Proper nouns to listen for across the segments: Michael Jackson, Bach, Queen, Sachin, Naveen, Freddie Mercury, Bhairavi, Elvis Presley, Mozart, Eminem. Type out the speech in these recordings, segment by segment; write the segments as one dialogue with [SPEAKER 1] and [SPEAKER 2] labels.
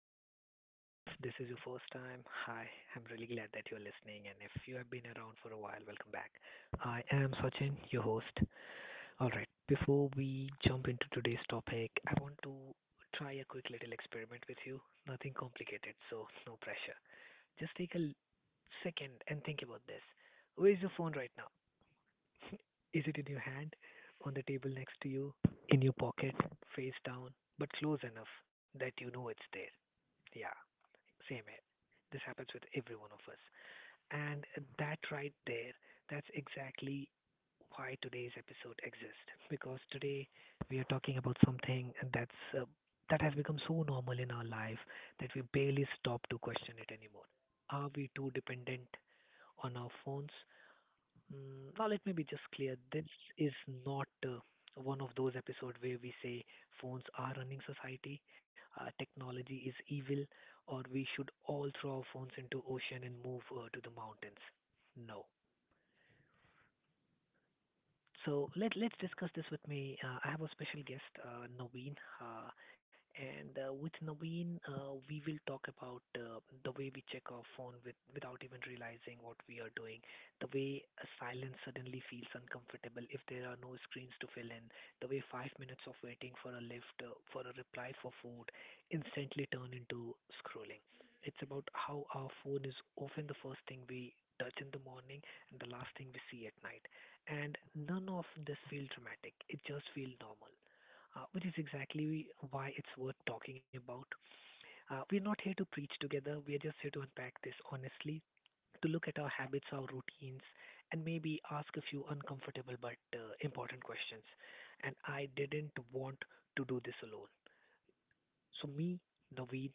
[SPEAKER 1] the podcast. If this is your first time, hi, I'm really glad that you're listening. And if you have been around for a while, welcome back. I am Sachin, your host. All right, before we jump into today's topic, I want to try a quick little experiment with you. Nothing complicated, so no pressure. Just second and think about this. Where is your phone right now? Is it in your hand, on the table next to you, in your pocket, face down, but close enough that you know it's there? Yeah, same here. This happens with every one of us. And that right there, that's exactly why today's episode exists. Because today we are talking about something that's that has become so normal in our life that we barely stop to question it anymore. Are we too dependent on our phones? Now let me be just clear. This is not one of those episodes where we say phones are running society, technology is evil, or we should all throw our phones into ocean and move to the mountains. No, so let's discuss this with me. I have a special guest, Naveen, and with Naveen, we will talk about the way we check our phone without even realizing what we are doing, the way a silence suddenly feels uncomfortable if there are no screens to fill in, the way 5 minutes of waiting for a lift, for a reply for food, instantly turn into scrolling. It's about how our phone is often the first thing we touch in the morning and the last thing we see at night, and none of this feels dramatic. It just feels normal, which is exactly why it's worth talking about. We're not here to preach together. We are just here to unpack this honestly, to look at our habits, our routines, and maybe ask a few uncomfortable but important questions. And I didn't want to do this alone. So me, Naveen.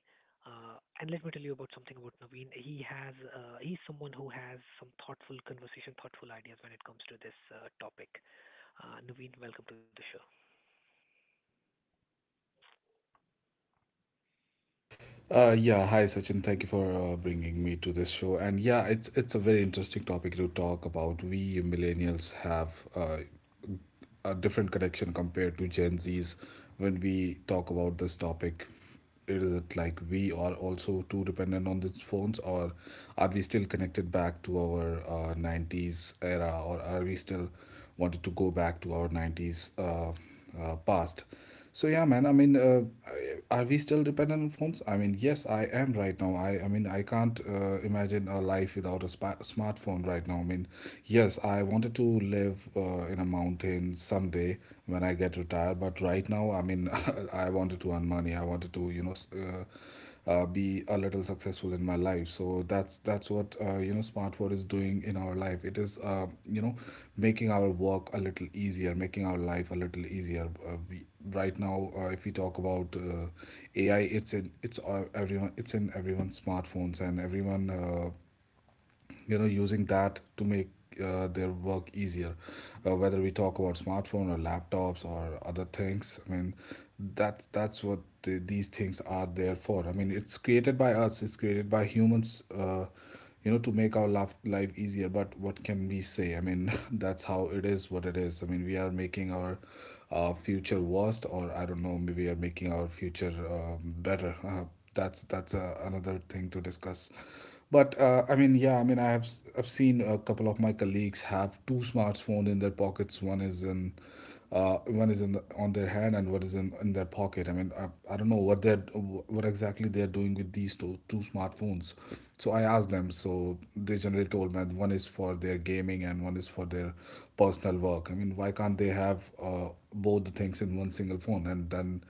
[SPEAKER 1] And let me tell you about something about Naveen. He's someone who has some thoughtful conversation, thoughtful ideas when it comes to this topic. Naveen, welcome to the show.
[SPEAKER 2] Yeah, hi Sachin. Thank you for bringing me to this show. And yeah, it's a very interesting topic to talk about. We millennials have a different connection compared to Gen Zs when we talk about this topic. Is it like we are also too dependent on these phones, or are we still connected back to our 90s era, or are we still wanted to go back to our 90s past. So yeah, man. Are we still dependent on phones? I mean, yes, I am right now. I mean, I can't imagine a life without a smartphone right now. I mean, yes, I wanted to live in a mountain someday when I get retired, but right now, I mean, I wanted to earn money. I wanted to, you know, be a little successful in my life. So that's what, you know, smartword is doing in our life. It is, you know, making our work a little easier, making our life a little easier. We, right now, if we talk about AI, it's all everyone, it's in everyone's smartphones, and everyone, you know, using that to make their work easier. Whether we talk about smartphone or laptops or other things, I mean that's what these things are there for. I mean, it's created by us, it's created by humans, you know, to make our life easier. But what can we say? I mean that's how it is, what it is. I mean, we are making our future worst, or I don't know, maybe we are making our future better. That's another thing to discuss, but yeah. I've seen a couple of my colleagues have two smartphones in their pockets. One is in the, on their hand, and one is in their pocket. I don't know what exactly they're doing with these two smartphones. So I asked them. So they generally told me that one is for their gaming and one is for their personal work. I mean, why can't they have both the things in one single phone? And then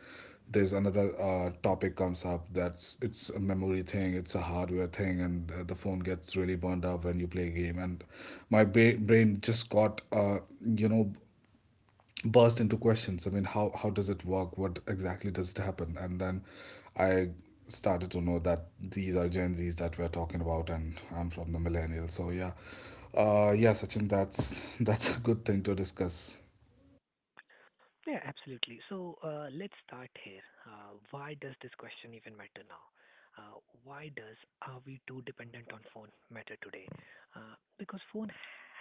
[SPEAKER 2] there's another topic comes up. That's, it's a memory thing, it's a hardware thing, and the phone gets really burned up when you play a game. And my brain just got, you know burst into questions. I mean, how does it work, what exactly does it happen? And then I started to know that these are Gen Z's that we're talking about, and I'm from the millennial. So yeah, yeah Sachin, that's that's a good thing to discuss.
[SPEAKER 1] Yeah, absolutely. So let's start here. Why does this question even matter now? Uh, why does are we too dependent on phone matter today? Because phone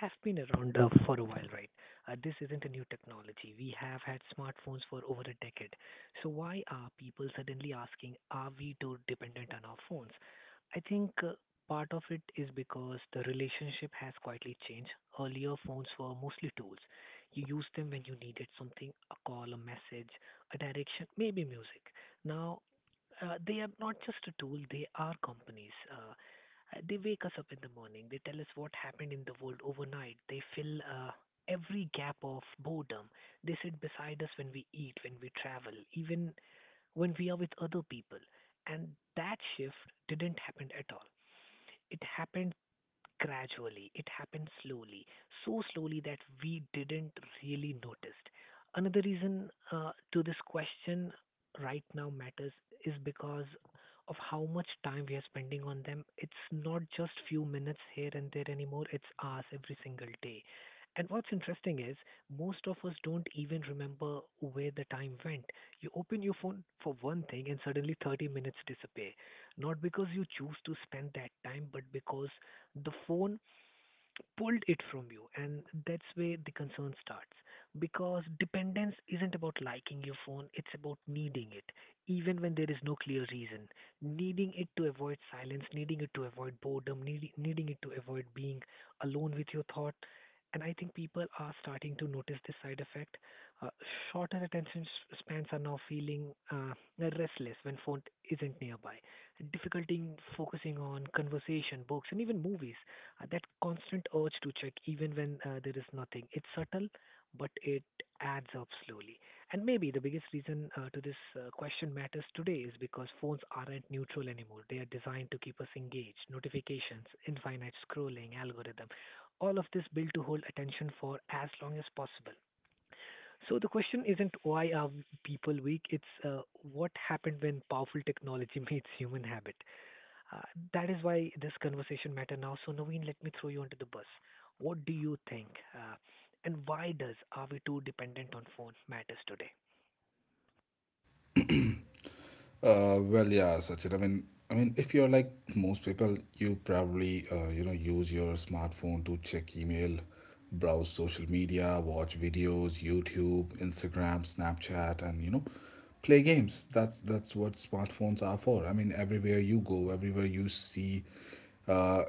[SPEAKER 1] have been around for a while, right? This isn't a new technology. We have had smartphones for over a decade. So why are people suddenly asking, are we too dependent on our phones? I think part of it is because the relationship has quietly changed. Earlier, phones were mostly tools. You used them when you needed something, a call, a message, a direction, maybe music. Now, they are not just a tool, they are companies. They wake us up in the morning, they tell us what happened in the world overnight, they fill every gap of boredom, they sit beside us when we eat, when we travel, even when we are with other people. And that shift didn't happen at all. It happened gradually. It happened slowly, so slowly that we didn't really notice. Another reason to this question right now matters is because of how much time we are spending on them. It's not just few minutes here and there anymore, it's hours every single day. And what's interesting is most of us don't even remember where the time went. You open your phone for one thing and suddenly 30 minutes disappear. Not because you choose to spend that time, but because the phone pulled it from you, and that's where the concern starts. Because dependence isn't about liking your phone, it's about needing it even when there is no clear reason, needing it to avoid silence, needing it to avoid boredom, needing it to avoid being alone with your thought. And I think people are starting to notice this side effect. uh, Shorter attention spans are now feeling restless when phone isn't nearby, difficulty in focusing on conversation books and even movies, that constant urge to check even when there is nothing. It's subtle, but it adds up slowly. And maybe the biggest reason to this question matters today is because phones aren't neutral anymore. They are designed to keep us engaged. Notifications, infinite scrolling, algorithm, all of this built to hold attention for as long as possible. So the question isn't why are people weak, it's what happened when powerful technology meets human habit. Uh, that is why this conversation matter now. So Naveen, let me throw you under the bus. What do you think, uh, and why does are we too dependent on phone matters today?
[SPEAKER 2] Well, yeah, Sachin. I mean, if you're like most people, you probably, you know, use your smartphone to check email, browse social media, watch videos, YouTube, Instagram, Snapchat, and, you know, play games. That's what smartphones are for. I mean, everywhere you go, everywhere you see, Uh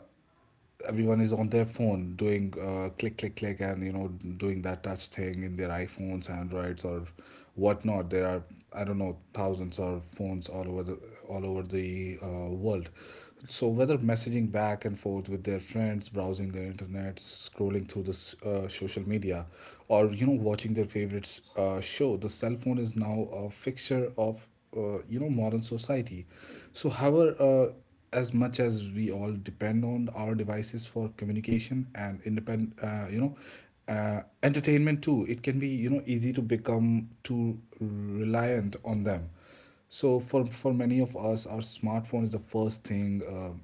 [SPEAKER 2] everyone is on their phone doing, click click click, and, you know, doing that touch thing in their iPhones, Androids, or whatnot. There are, I don't know, thousands of phones all over the world. So whether messaging back and forth with their friends, browsing the internet, scrolling through the social media, or, you know, watching their favorites show, the cell phone is now a fixture of, you know, modern society. So however. As much as we all depend on our devices for communication and independent entertainment too, it can be, you know, easy to become too reliant on them. So for many of us, our smartphone is the first thing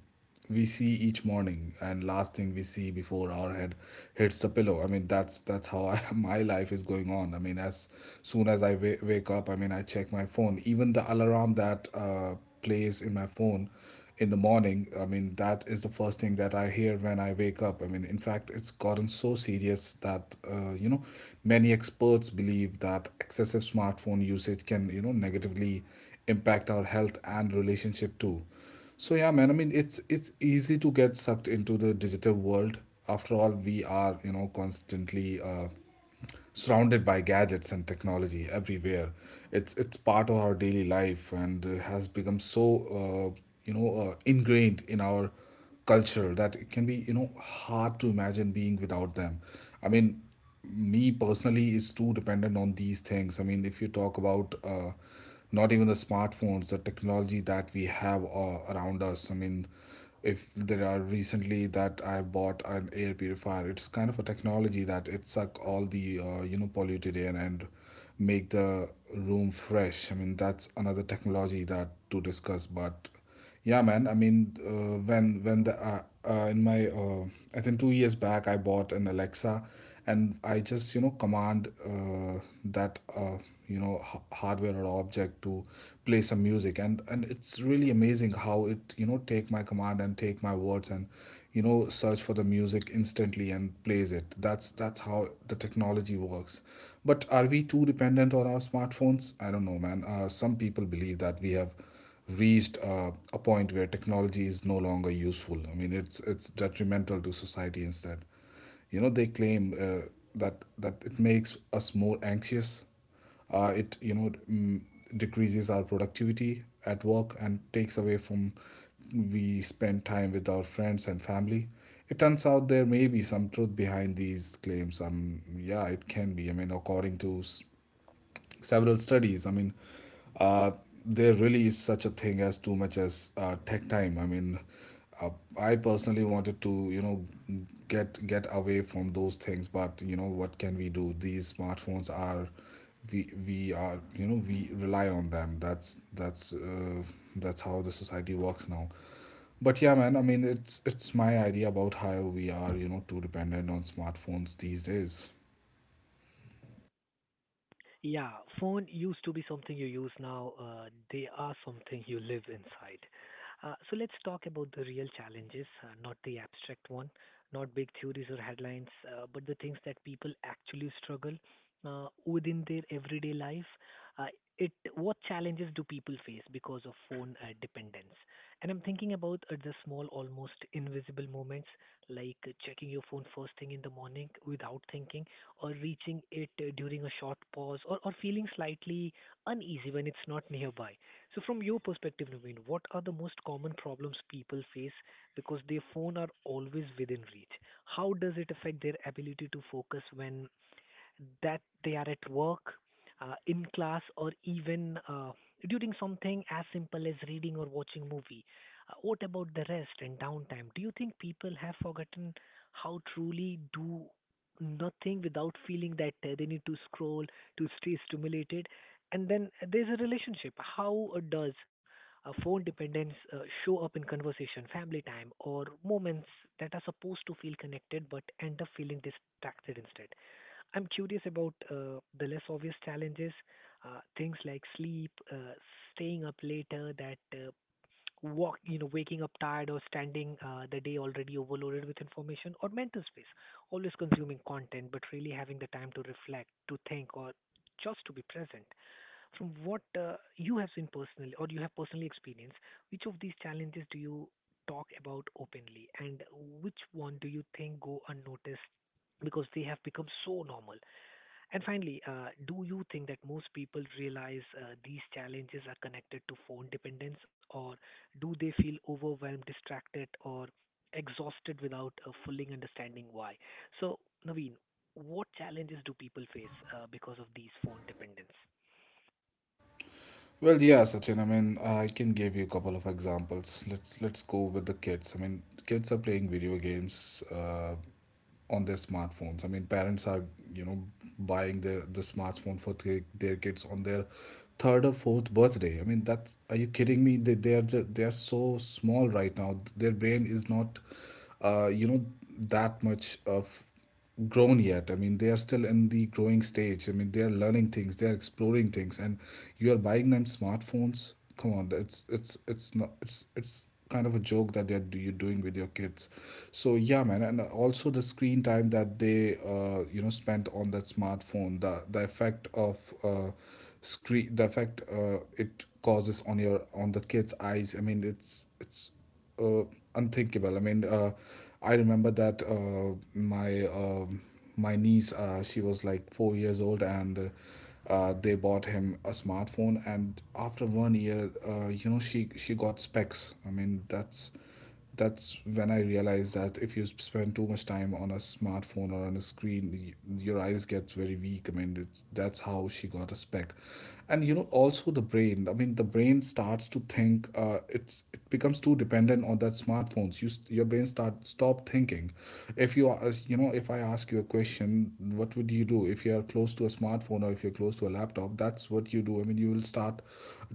[SPEAKER 2] we see each morning, and last thing we see before our head hits the pillow. I mean, that's how my life is going on. I mean, as soon as I wake up, I mean, I check my phone. Even the alarm that plays in my phone in the morning, I mean that is the first thing that I hear when I wake up. I mean, in fact, it's gotten so serious that, you know, many experts believe that excessive smartphone usage can, you know, negatively impact our health and relationship too. So yeah, man. I mean, it's easy to get sucked into the digital world. After all, we are, you know, constantly surrounded by gadgets and technology everywhere. It's part of our daily life and has become so, ingrained in our culture that it can be, you know, hard to imagine being without them. I mean, me personally is too dependent on these things. I mean, if you talk about, not even the smartphones, the technology that we have around us. I mean, if there are recently that I bought an air purifier, it's kind of a technology that it suck all the, you know, polluted air and make the room fresh. I mean, that's another technology that to discuss, but yeah, man. I mean, when the in my I think 2 years back, I bought an Alexa, and I just, you know, command that you know, hardware or object to play some music. And it's really amazing how it, you know, take my command and take my words and, you know, search for the music instantly and plays it. That's how the technology works. But are we too dependent on our smartphones? I don't know, man. Some people believe that we have reached a point where technology is no longer useful. I mean, it's detrimental to society instead. You know, they claim that it makes us more anxious. It, you know, decreases our productivity at work and takes away from we spend time with our friends and family. It turns out there may be some truth behind these claims. Yeah, it can be. I mean, according to several studies. Uh, there really is such a thing as too much as tech time. Uh, I personally wanted to, you know, get away from those things, but, you know, what can we do? These smartphones are, we are, you know, we rely on them. That's how the society works now. But yeah, man. I mean, it's my idea about how we are, you know, too dependent on smartphones these days.
[SPEAKER 1] Yeah, phone used to be something you use now. They are something you live inside. So let's talk about the real challenges, not the abstract one, not big theories or headlines, but the things that people actually struggle within their everyday life. Uh, it what challenges do people face because of phone dependence? And I'm thinking about the small, almost invisible moments, like checking your phone first thing in the morning without thinking or reaching it during a short pause or feeling slightly uneasy when it's not nearby. So from your perspective, Naveen, what are the most common problems people face because their phone are always within reach? How does it affect their ability to focus when that they are at work, in class, or even during something as simple as reading or watching movie. What about the rest and downtime? Do you think people have forgotten how truly do nothing without feeling that they need to scroll to stay stimulated? And then there's a relationship. How does phone dependence show up in conversation, family time, or moments that are supposed to feel connected but end up feeling distracted instead? I'm curious about the less obvious challenges, things like sleep, staying up later, that waking up tired or standing the day already overloaded with information, or mental space, always consuming content but really having the time to reflect, to think, or just to be present. From what you have seen personally, or you have personally experienced, which of these challenges do you talk about openly, and which one do you think go unnoticed because they have become so normal? And finally, do you think that most people realize these challenges are connected to phone dependence, or do they feel overwhelmed, distracted, or exhausted without fully understanding why? So, Naveen, what challenges do people face because of these phone dependence?
[SPEAKER 2] Well, yeah, Sachin. I mean, I can give you a couple of examples. Let's go with the kids. I mean, kids are playing video games on their smartphones. I mean, parents are, you know, buying the smartphone for their kids on their third or fourth birthday. I mean, that's, are you kidding me? They are just, they are so small right now. Their brain is not, uh, you know, that much of grown yet. I mean, they are still in the growing stage. I mean, they are learning things, they are exploring things, and you are buying them smartphones. Come on, it's not, it's, it's kind of a joke that you're doing with your kids. So yeah, man. And also the screen time that they, you know, spent on that smartphone, the effect of screen the effect it causes on your on the kids eyes, I mean it's uh, unthinkable. I mean, I remember that my my niece, she was like 4 years old, and they bought him a smartphone. And after 1 year, you know, she got specs. That's when I realized that if you spend too much time on a smartphone or on a screen, your eyes gets very weak. I mean, it's, that's how she got a spec, and, you know, also the brain. I mean, the brain starts to think. It's, it becomes too dependent on that smartphones. You, your brain start stop thinking. If you are, you know, if I ask you a question, what would you do if you are close to a smartphone or if you're close to a laptop? That's what you do. I mean, you will start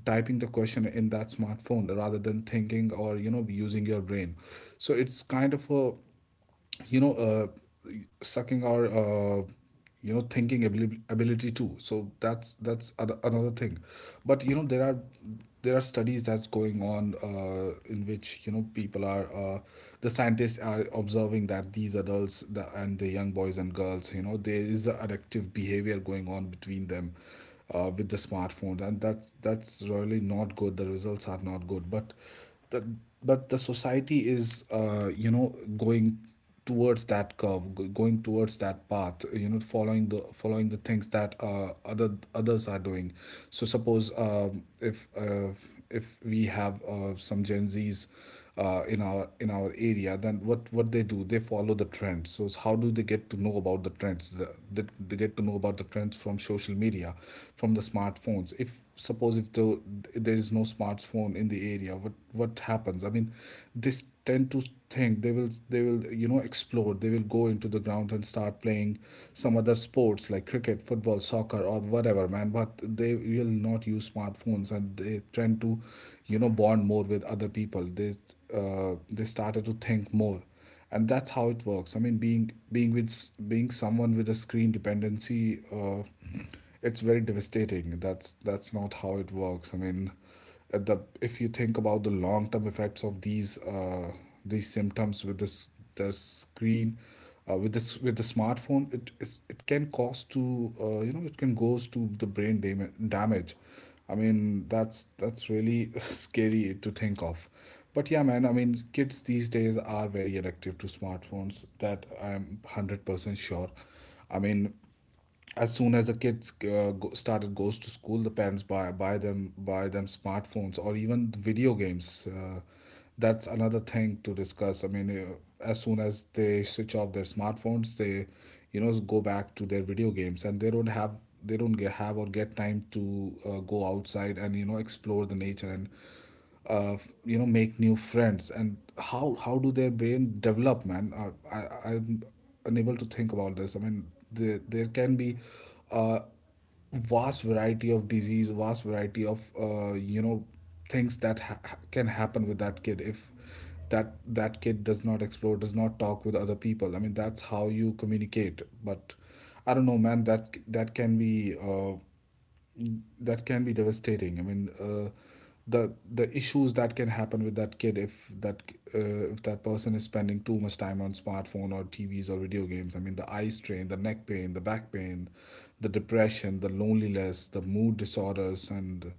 [SPEAKER 2] typing the question in that smartphone rather than thinking or using your brain, so it's kind of a you know uh, sucking our thinking ability too. So that's another thing. But there are studies that's going on, in which people are the scientists are observing that these adults, and the young boys and girls, there is a addictive behavior going on between them, with the smartphone. And that's really not good. The results are not good. But the but the society is going towards that curve, going towards that path, following the things that others are doing. So suppose, if we have, some Gen Z's in our area, then what they do, they follow the trends. So how do they get to know about the trends? They get to know about the trends from social media, from the smartphones. If suppose if the, there is no smartphone in the area, what happens? I mean, they tend to think, they will, explore, they will go into the ground and start playing some other sports like cricket, football, soccer, or whatever, man. But they will not use smartphones, and they tend to bond more, bond more with other people. They they started to think more. And that's how it works. I mean, being with being someone with a screen dependency, it's very devastating. That's not how it works. I mean, at the if you think about the long term effects of these, these symptoms with the screen this with the smartphone, it can cause to, it can goes to the brain damage. I mean, that's really scary to think of. But yeah, man, I mean, kids these days are very addictive to smartphones. That I'm 100% sure. I mean, as soon as the kids started goes to school, the parents buy them smartphones or even video games. That's another thing to discuss. I mean, as soon as they switch off their smartphones, they, go back to their video games, and they don't have, they don't get have or get time to go outside and explore the nature, and uh, make new friends. And how do their brain develop, man? I'm unable to think about this. I mean, there can be, uh, vast variety of disease, vast variety of things that can happen with that kid, if that kid does not explore, does not talk with other people. I mean, that's how you communicate. But I don't know, man, that can be, that can be devastating. I mean, the issues that can happen with that kid, if that person is spending too much time on smartphone or T V's or video games. I mean, the eye strain, the neck pain, the back pain, the depression, the loneliness, the mood disorders, and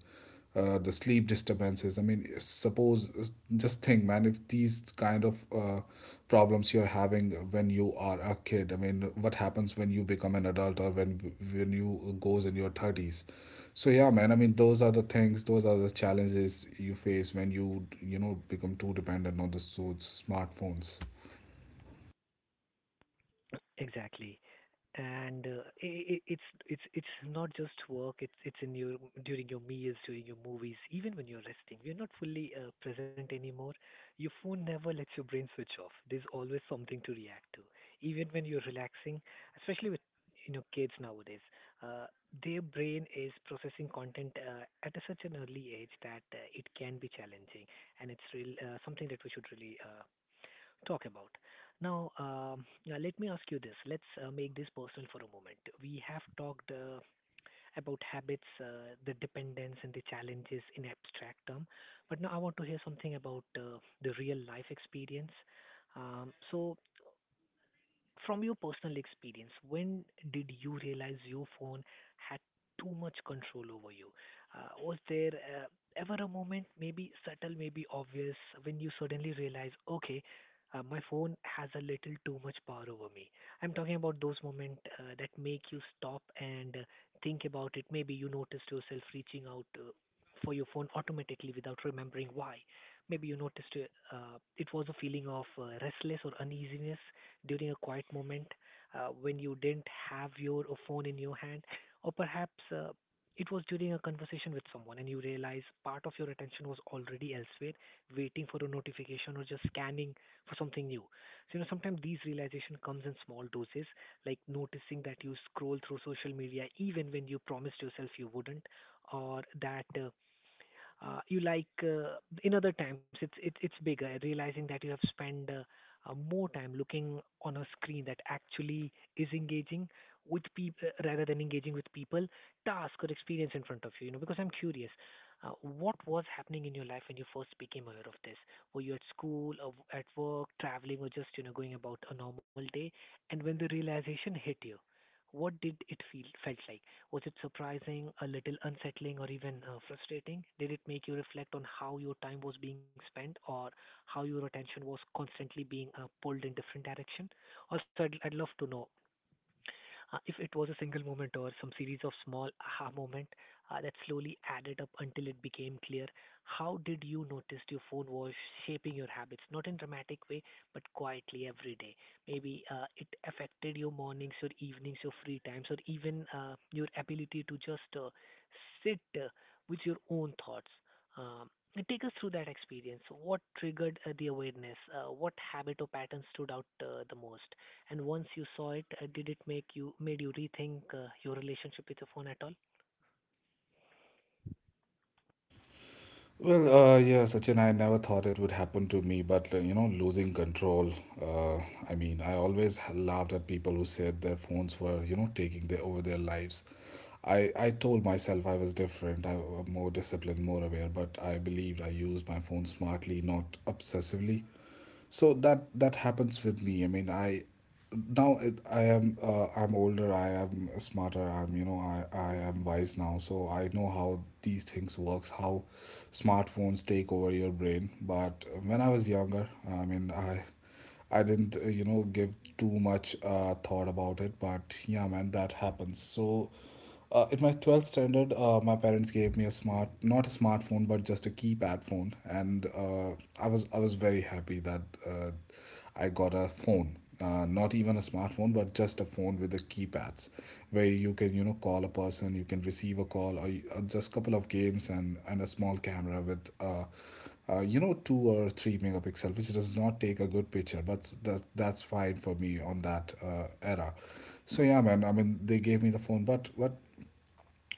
[SPEAKER 2] the sleep disturbances. I mean, suppose just think, man, if these kind of problems you're having when you are a kid, I mean, what happens when you become an adult, or when you goes in your thirties? So yeah, man, I mean, those are the things, those are the challenges you face when you know, become too dependent on the smartphones.
[SPEAKER 1] Exactly. and I it's it's not just work, it's in your during your meals, during your movies, even when you're resting you're not fully present anymore. Your phone never lets your brain switch off, there's always something to react to even when you're relaxing, especially with you know kids nowadays, uh, their brain is processing content at a, such an early age that it can be challenging. And it's real, something that we should really talk about. Now, yeah, let me ask you this. Let's make this personal for a moment. We have talked about habits, the dependence, and the challenges in abstract term, but now I want to hear something about the real life experience. So, from your personal experience, when did you realize your phone had too much control over you? Was there ever a moment, maybe subtle, maybe obvious, when you suddenly realize, okay, my phone has a little too much power over me? I'm talking about those moments that make you stop and think about it. Maybe you noticed yourself reaching out for your phone automatically without remembering why. Maybe you noticed it was a feeling of restless or uneasiness during a quiet moment when you didn't have your phone in your hand, or perhaps it was during a conversation with someone and you realize part of your attention was already elsewhere, waiting for a notification or just scanning for something new. So, you know, sometimes these realization comes in small doses, like noticing that you scroll through social media even when you promised yourself you wouldn't, or that you like in other times it's bigger realizing that you have spent more time looking on a screen that actually is engaging with people rather than engaging with people task or experience in front of you you know because I'm curious, what was happening in your life when you first became aware of this? Were you at school or at work, traveling, or just, you know, going about a normal day? And when the realization hit you, what did it feel felt like? Was it surprising, a little unsettling, or even frustrating? Did it make you reflect on how your time was being spent or how your attention was constantly being pulled in different direction? Also, I'd love to know if it was a single moment or some series of small aha moment that slowly added up until it became clear, how did you notice your phone was shaping your habits? Not in dramatic way, but quietly every day. Maybe it affected your mornings, your evenings, your free times, or even your ability to just sit with your own thoughts. Um, Take us through that experience. What triggered the awareness? What habit or pattern stood out the most? And once you saw it, did it make you rethink your relationship with your phone at all?
[SPEAKER 2] Well, yeah, Sachin, I never thought it would happen to me, but, losing control. Uh, I mean, I always laughed at people who said their phones were, taking over their lives. I told myself I was different, I was more disciplined, more aware, but I believed I used my phone smartly, not obsessively. So that happens with me. I mean, I am, I'm older, I am smarter, I'm, I am wise now, so I know how these things works, how smartphones take over your brain. But when I was younger, I mean, I didn't, give too much thought about it. But yeah, man, that happens. So, in my 12th standard, my parents gave me a not a smartphone, but just a keypad phone. And I was very happy that uh, I got a phone. Not even a smartphone, but just a phone with the keypads, where you can, call a person, you can receive a call, or just couple of games, and a small camera with, two or three megapixel, which does not take a good picture, but that's fine for me on that era. So yeah, man. I mean, they gave me the phone. But what,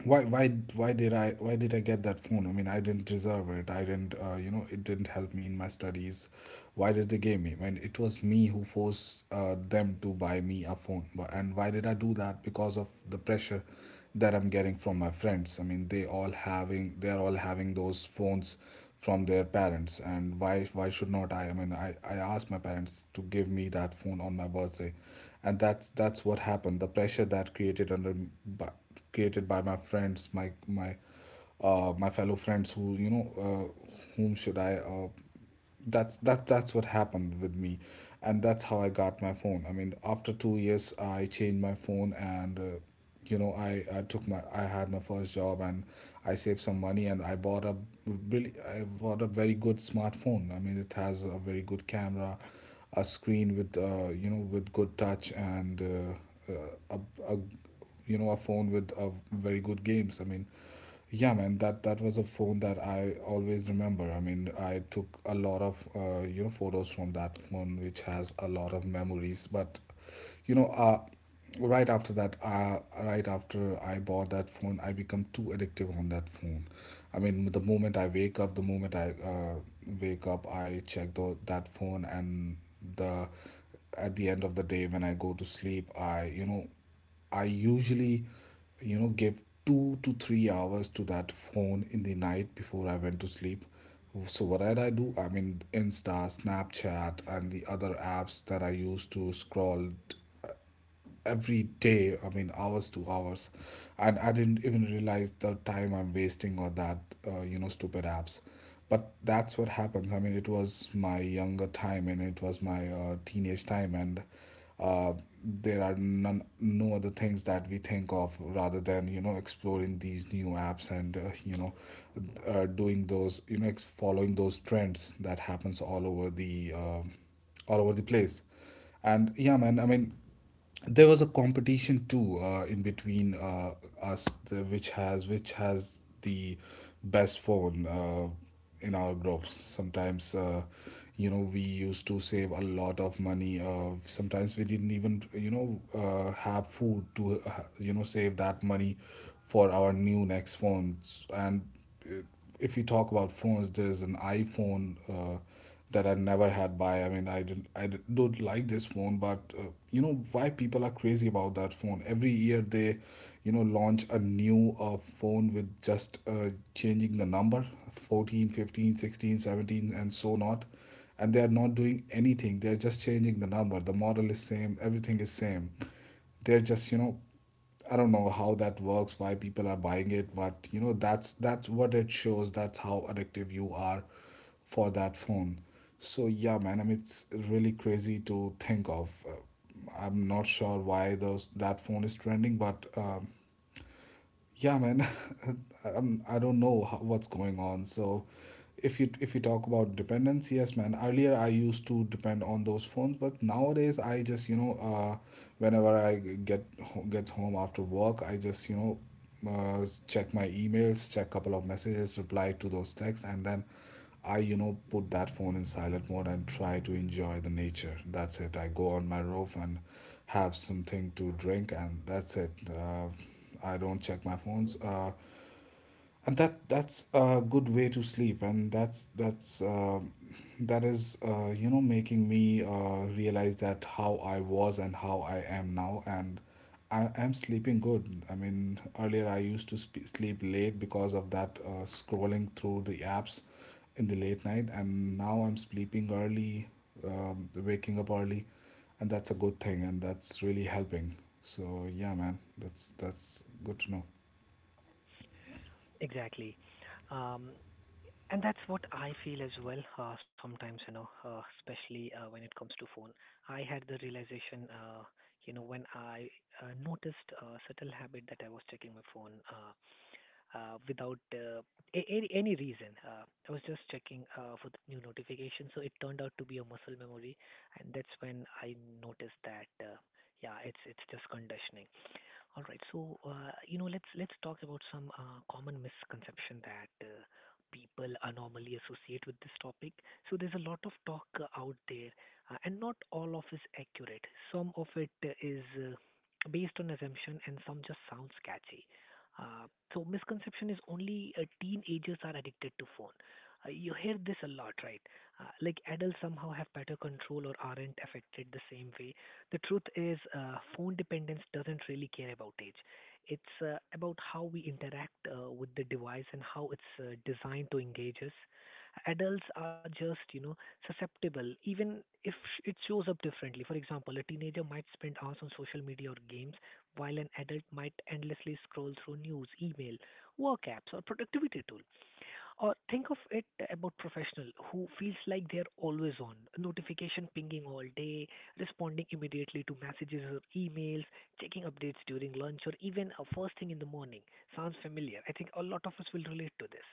[SPEAKER 2] why why why did I get that phone? I mean, I didn't deserve it. I didn't, it didn't help me in my studies. Why did they give me? I mean, it was me who forced, them to buy me a phone. And why did I do that? Because of the pressure that I'm getting from my friends. I mean, they're all having those phones from their parents. And why should not I? I mean, I asked my parents to give me that phone on my birthday. And that's what happened. The pressure that created under by, created by my friends, my fellow friends, who, whom should I, that's that's what happened with me. And that's how I got my phone. I mean, after 2 years, I changed my phone. And, I took my, I had my first job, and I saved some money, and I bought a, really I bought a very good smartphone. I mean, it has a very good camera, a screen with, with good touch, and, uh, a you know a phone with, very good games. I mean, yeah, man, that was a phone that I always remember. I mean, I took a lot of, photos from that phone, which has a lot of memories. But you know, uh, right after that, right after I bought that phone, I become too addictive on that phone. I mean, the moment I wake up, the moment I, I check that phone. And the at the end of the day when I go to sleep, I, usually, give 2 to 3 hours to that phone in the night before I went to sleep. So what did I do? I mean, Insta, Snapchat, and the other apps that I use to scroll every day. I mean, hours to hours. And I didn't even realize the time I'm wasting, or that you know stupid apps. But that's what happens. I mean, it was my younger time, and it was my, teenage time. And, uh, there are none, no other things that we think of, rather than, exploring these new apps, and, doing those, following those trends that happens all over the, all over the place. And yeah, man, I mean, there was a competition too, in between us, which has the best phone, in our groups. Sometimes, we used to save a lot of money. Sometimes we didn't even, have food to, save that money for our new next phones. And, uh, if we talk about phones, there is an iPhone, that I never had by. I mean, I didn't, don't like this phone. But, why people are crazy about that phone? Every year they, launch a new, phone with just, changing the number: 14, 15, 16, 17, and so not. And they are not doing anything. They are just changing the number. The model is same. Everything is same. They're just, I don't know how that works, why people are buying it. But that's what it shows. That's how addictive you are for that phone. So yeah, man, I mean, it's really crazy to think of. I'm not sure why those that phone is trending, but, yeah, man. I don't know what's going on. So if you talk about dependence, yes, man, earlier I used to depend on those phones. But nowadays, I just, whenever I get home after work, I just, check my emails, check couple of messages, reply to those texts, and then I, put that phone in silent mode and try to enjoy the nature. That's it. I go on my roof and have something to drink, and that's it. I don't check my phones. And that's a good way to sleep. And that is making me realize that how I was and how I am now, and I am sleeping good. I mean, earlier I used to sleep late because of that scrolling through the apps in the late night, and now I'm sleeping early, waking up early, and that's a good thing, and that's really helping. So yeah, man, that's good to know.
[SPEAKER 1] Exactly. Um, And that's what I feel as well. Sometimes, you know, especially when it comes to phone, I had the realization, you know, when I noticed a subtle habit that I was checking my phone without any any reason. I was just checking for the new notification, so it turned out to be a muscle memory, and that's when I noticed that, yeah, it's just conditioning. All right. So, you know, let's talk about some common misconception that people are normally associate with this topic. So there's a lot of talk out there, and not all of is accurate. Some of it is based on assumption, and some just sounds catchy. Uh, so misconception is only teenagers are addicted to phone. You hear this a lot, right? Like adults somehow have better control or aren't affected the same way. The truth is, phone dependence doesn't really care about age. It's about how we interact with the device and how it's designed to engage us. Adults are just, you know, susceptible, even if it shows up differently. For example, a teenager might spend hours on social media or games, while an adult might endlessly scroll through news, email, work apps, or productivity tools. Or think of it about professional who feels like they're always on, notification pinging all day, responding immediately to messages or emails, checking updates during lunch, or even first thing in the morning. Sounds familiar. I think a lot of us will relate to this.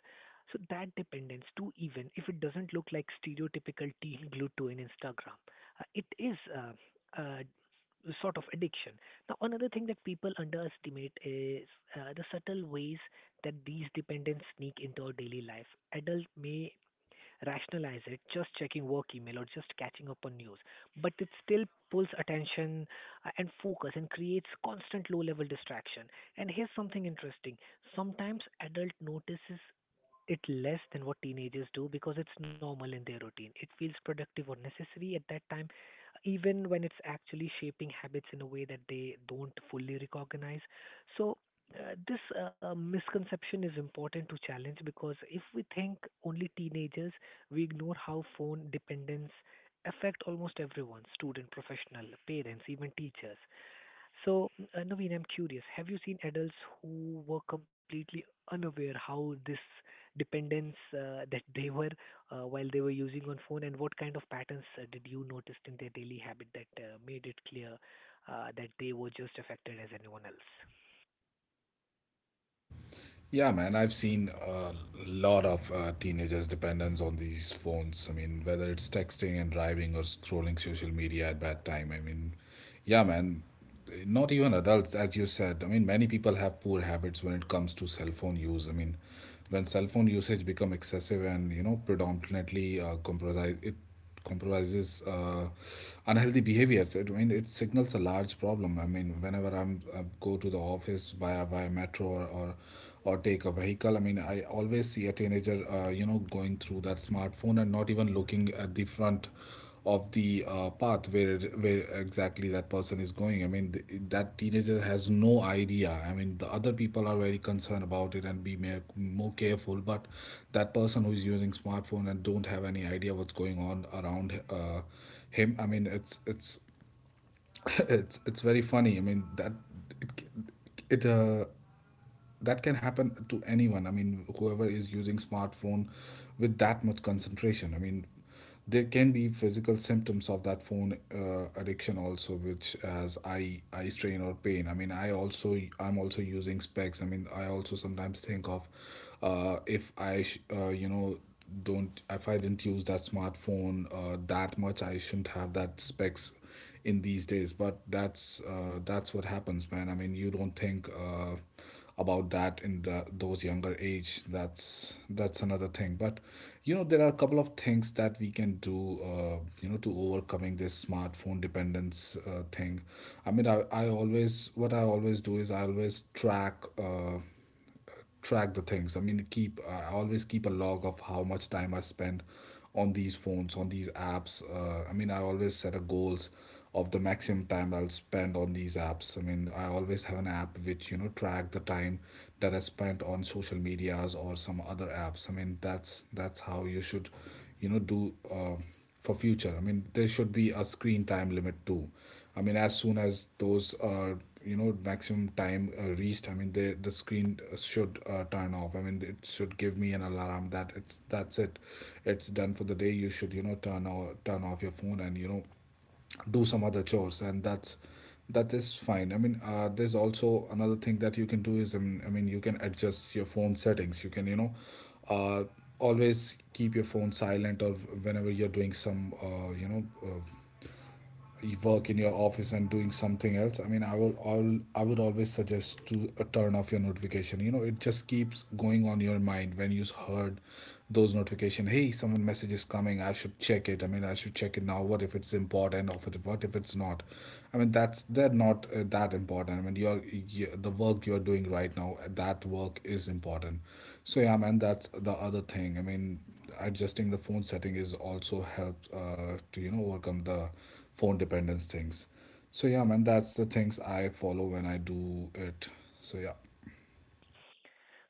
[SPEAKER 1] So that dependence too, even if it doesn't look like stereotypical teen glued to an Instagram, it is sort of addiction. Now, another thing that people underestimate is the subtle ways that these dependents sneak into our daily life. Adults may rationalize it, just checking work email or just catching up on news. But it still pulls attention and focus and creates constant low level distraction. And here's something interesting, sometimes adult notices it less than what teenagers do because it's normal in their routine. It feels productive or necessary at that time, even when it's actually shaping habits in a way that they don't fully recognize. So, this misconception is important to challenge because if we think only teenagers, we ignore how phone dependence affect almost everyone, student, professional, parents, even teachers. So, Naveen, I'm curious. Have you seen adults who were completely unaware how this dependence that they were while they were using on phone, and what kind of patterns did you notice in their daily habit that made it clear that they were just affected as anyone else?
[SPEAKER 2] Yeah, man, I've seen a lot of teenagers' dependence on these phones. I mean, whether it's texting and driving or scrolling social media at bad time. I mean, yeah, man, not even adults, as you said. I mean, many people have poor habits when it comes to cell phone use. I mean, when cell phone usage become excessive and predominantly comprise it compromises unhealthy behaviors. I mean, it signals a large problem. I mean, whenever I go to the office via metro, or take a vehicle, I mean I always see a teenager, going through that smartphone and not even looking at the front of the path where exactly that person is going. I mean that teenager has no idea. I mean the other people are very concerned about it and be more careful, but that person who is using smartphone and don't have any idea what's going on around him. I mean it's it's very funny. I mean that it, it that can happen to anyone. I mean whoever is using smartphone with that much concentration. I mean there can be physical symptoms of that phone addiction also, which as eye strain or pain. I mean I'm also using specs. I mean I also sometimes think of if I sh- don't if I didn't use that smartphone that much, I shouldn't have that specs in these days. But that's what happens, man. I mean, you don't think about that in the those younger age. That's another thing. But you know, there are a couple of things that we can do, to overcoming this smartphone dependence thing. I mean, I always what I always do is I always track. Track the things. I mean, keep I always keep a log of how much time I spend on these phones, on these apps. I mean I always set a goals of the maximum time I'll spend on these apps. I mean I always have an app which track the time that I spent on social medias or some other apps. I mean that's how you should do for future. I mean there should be a screen time limit too. I mean as soon as those maximum time reached, I mean the screen should turn off. I mean it should give me an alarm that it's that's it, it's done for the day. You should turn off your phone and do some other chores, and that is fine. I mean there's also another thing that you can do is, you can adjust your phone settings. You can uh, always keep your phone silent, or whenever you're doing some work in your office and doing something else, I mean I will all I would always suggest to turn off your notification. You know, it just keeps going on your mind when you heard those notification, hey, someone message is coming, I should check it. I mean I should check it now, what if it's important, or what if it's not. I mean that's they're not that important. I mean your the work you're doing right now, that work is important. So yeah, man, that's the other thing. I mean, adjusting the phone setting is also helps to overcome the phone dependence things. So yeah, man, that's the things I follow when I do it. So yeah.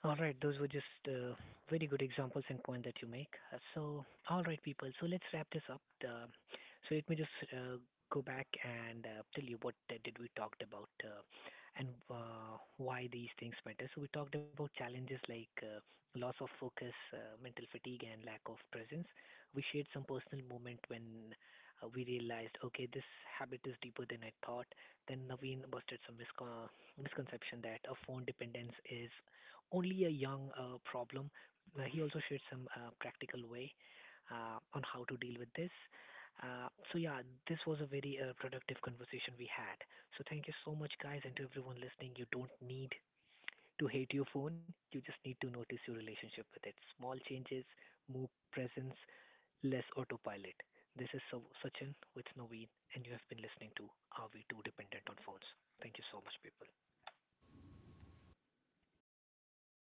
[SPEAKER 1] All right, those were just very good examples and point that you make. So, all right, people. So let's wrap this up. So let me just go back and tell you what did we talked about and why these things matter. So we talked about challenges like loss of focus, mental fatigue, and lack of presence. We shared some personal moment when we realized, okay, this habit is deeper than I thought. Then Naveen busted some misconception that a phone dependence is only a young problem. He also shared some practical way on how to deal with this. So yeah, this was a very productive conversation we had. So thank you so much, guys, and to everyone listening. You don't need to hate your phone. You just need to notice your relationship with it. Small changes, more presence, less autopilot. This is Sachin with Naveen, and you have been listening to Are We Too Dependent on Phones? Thank you so much, people.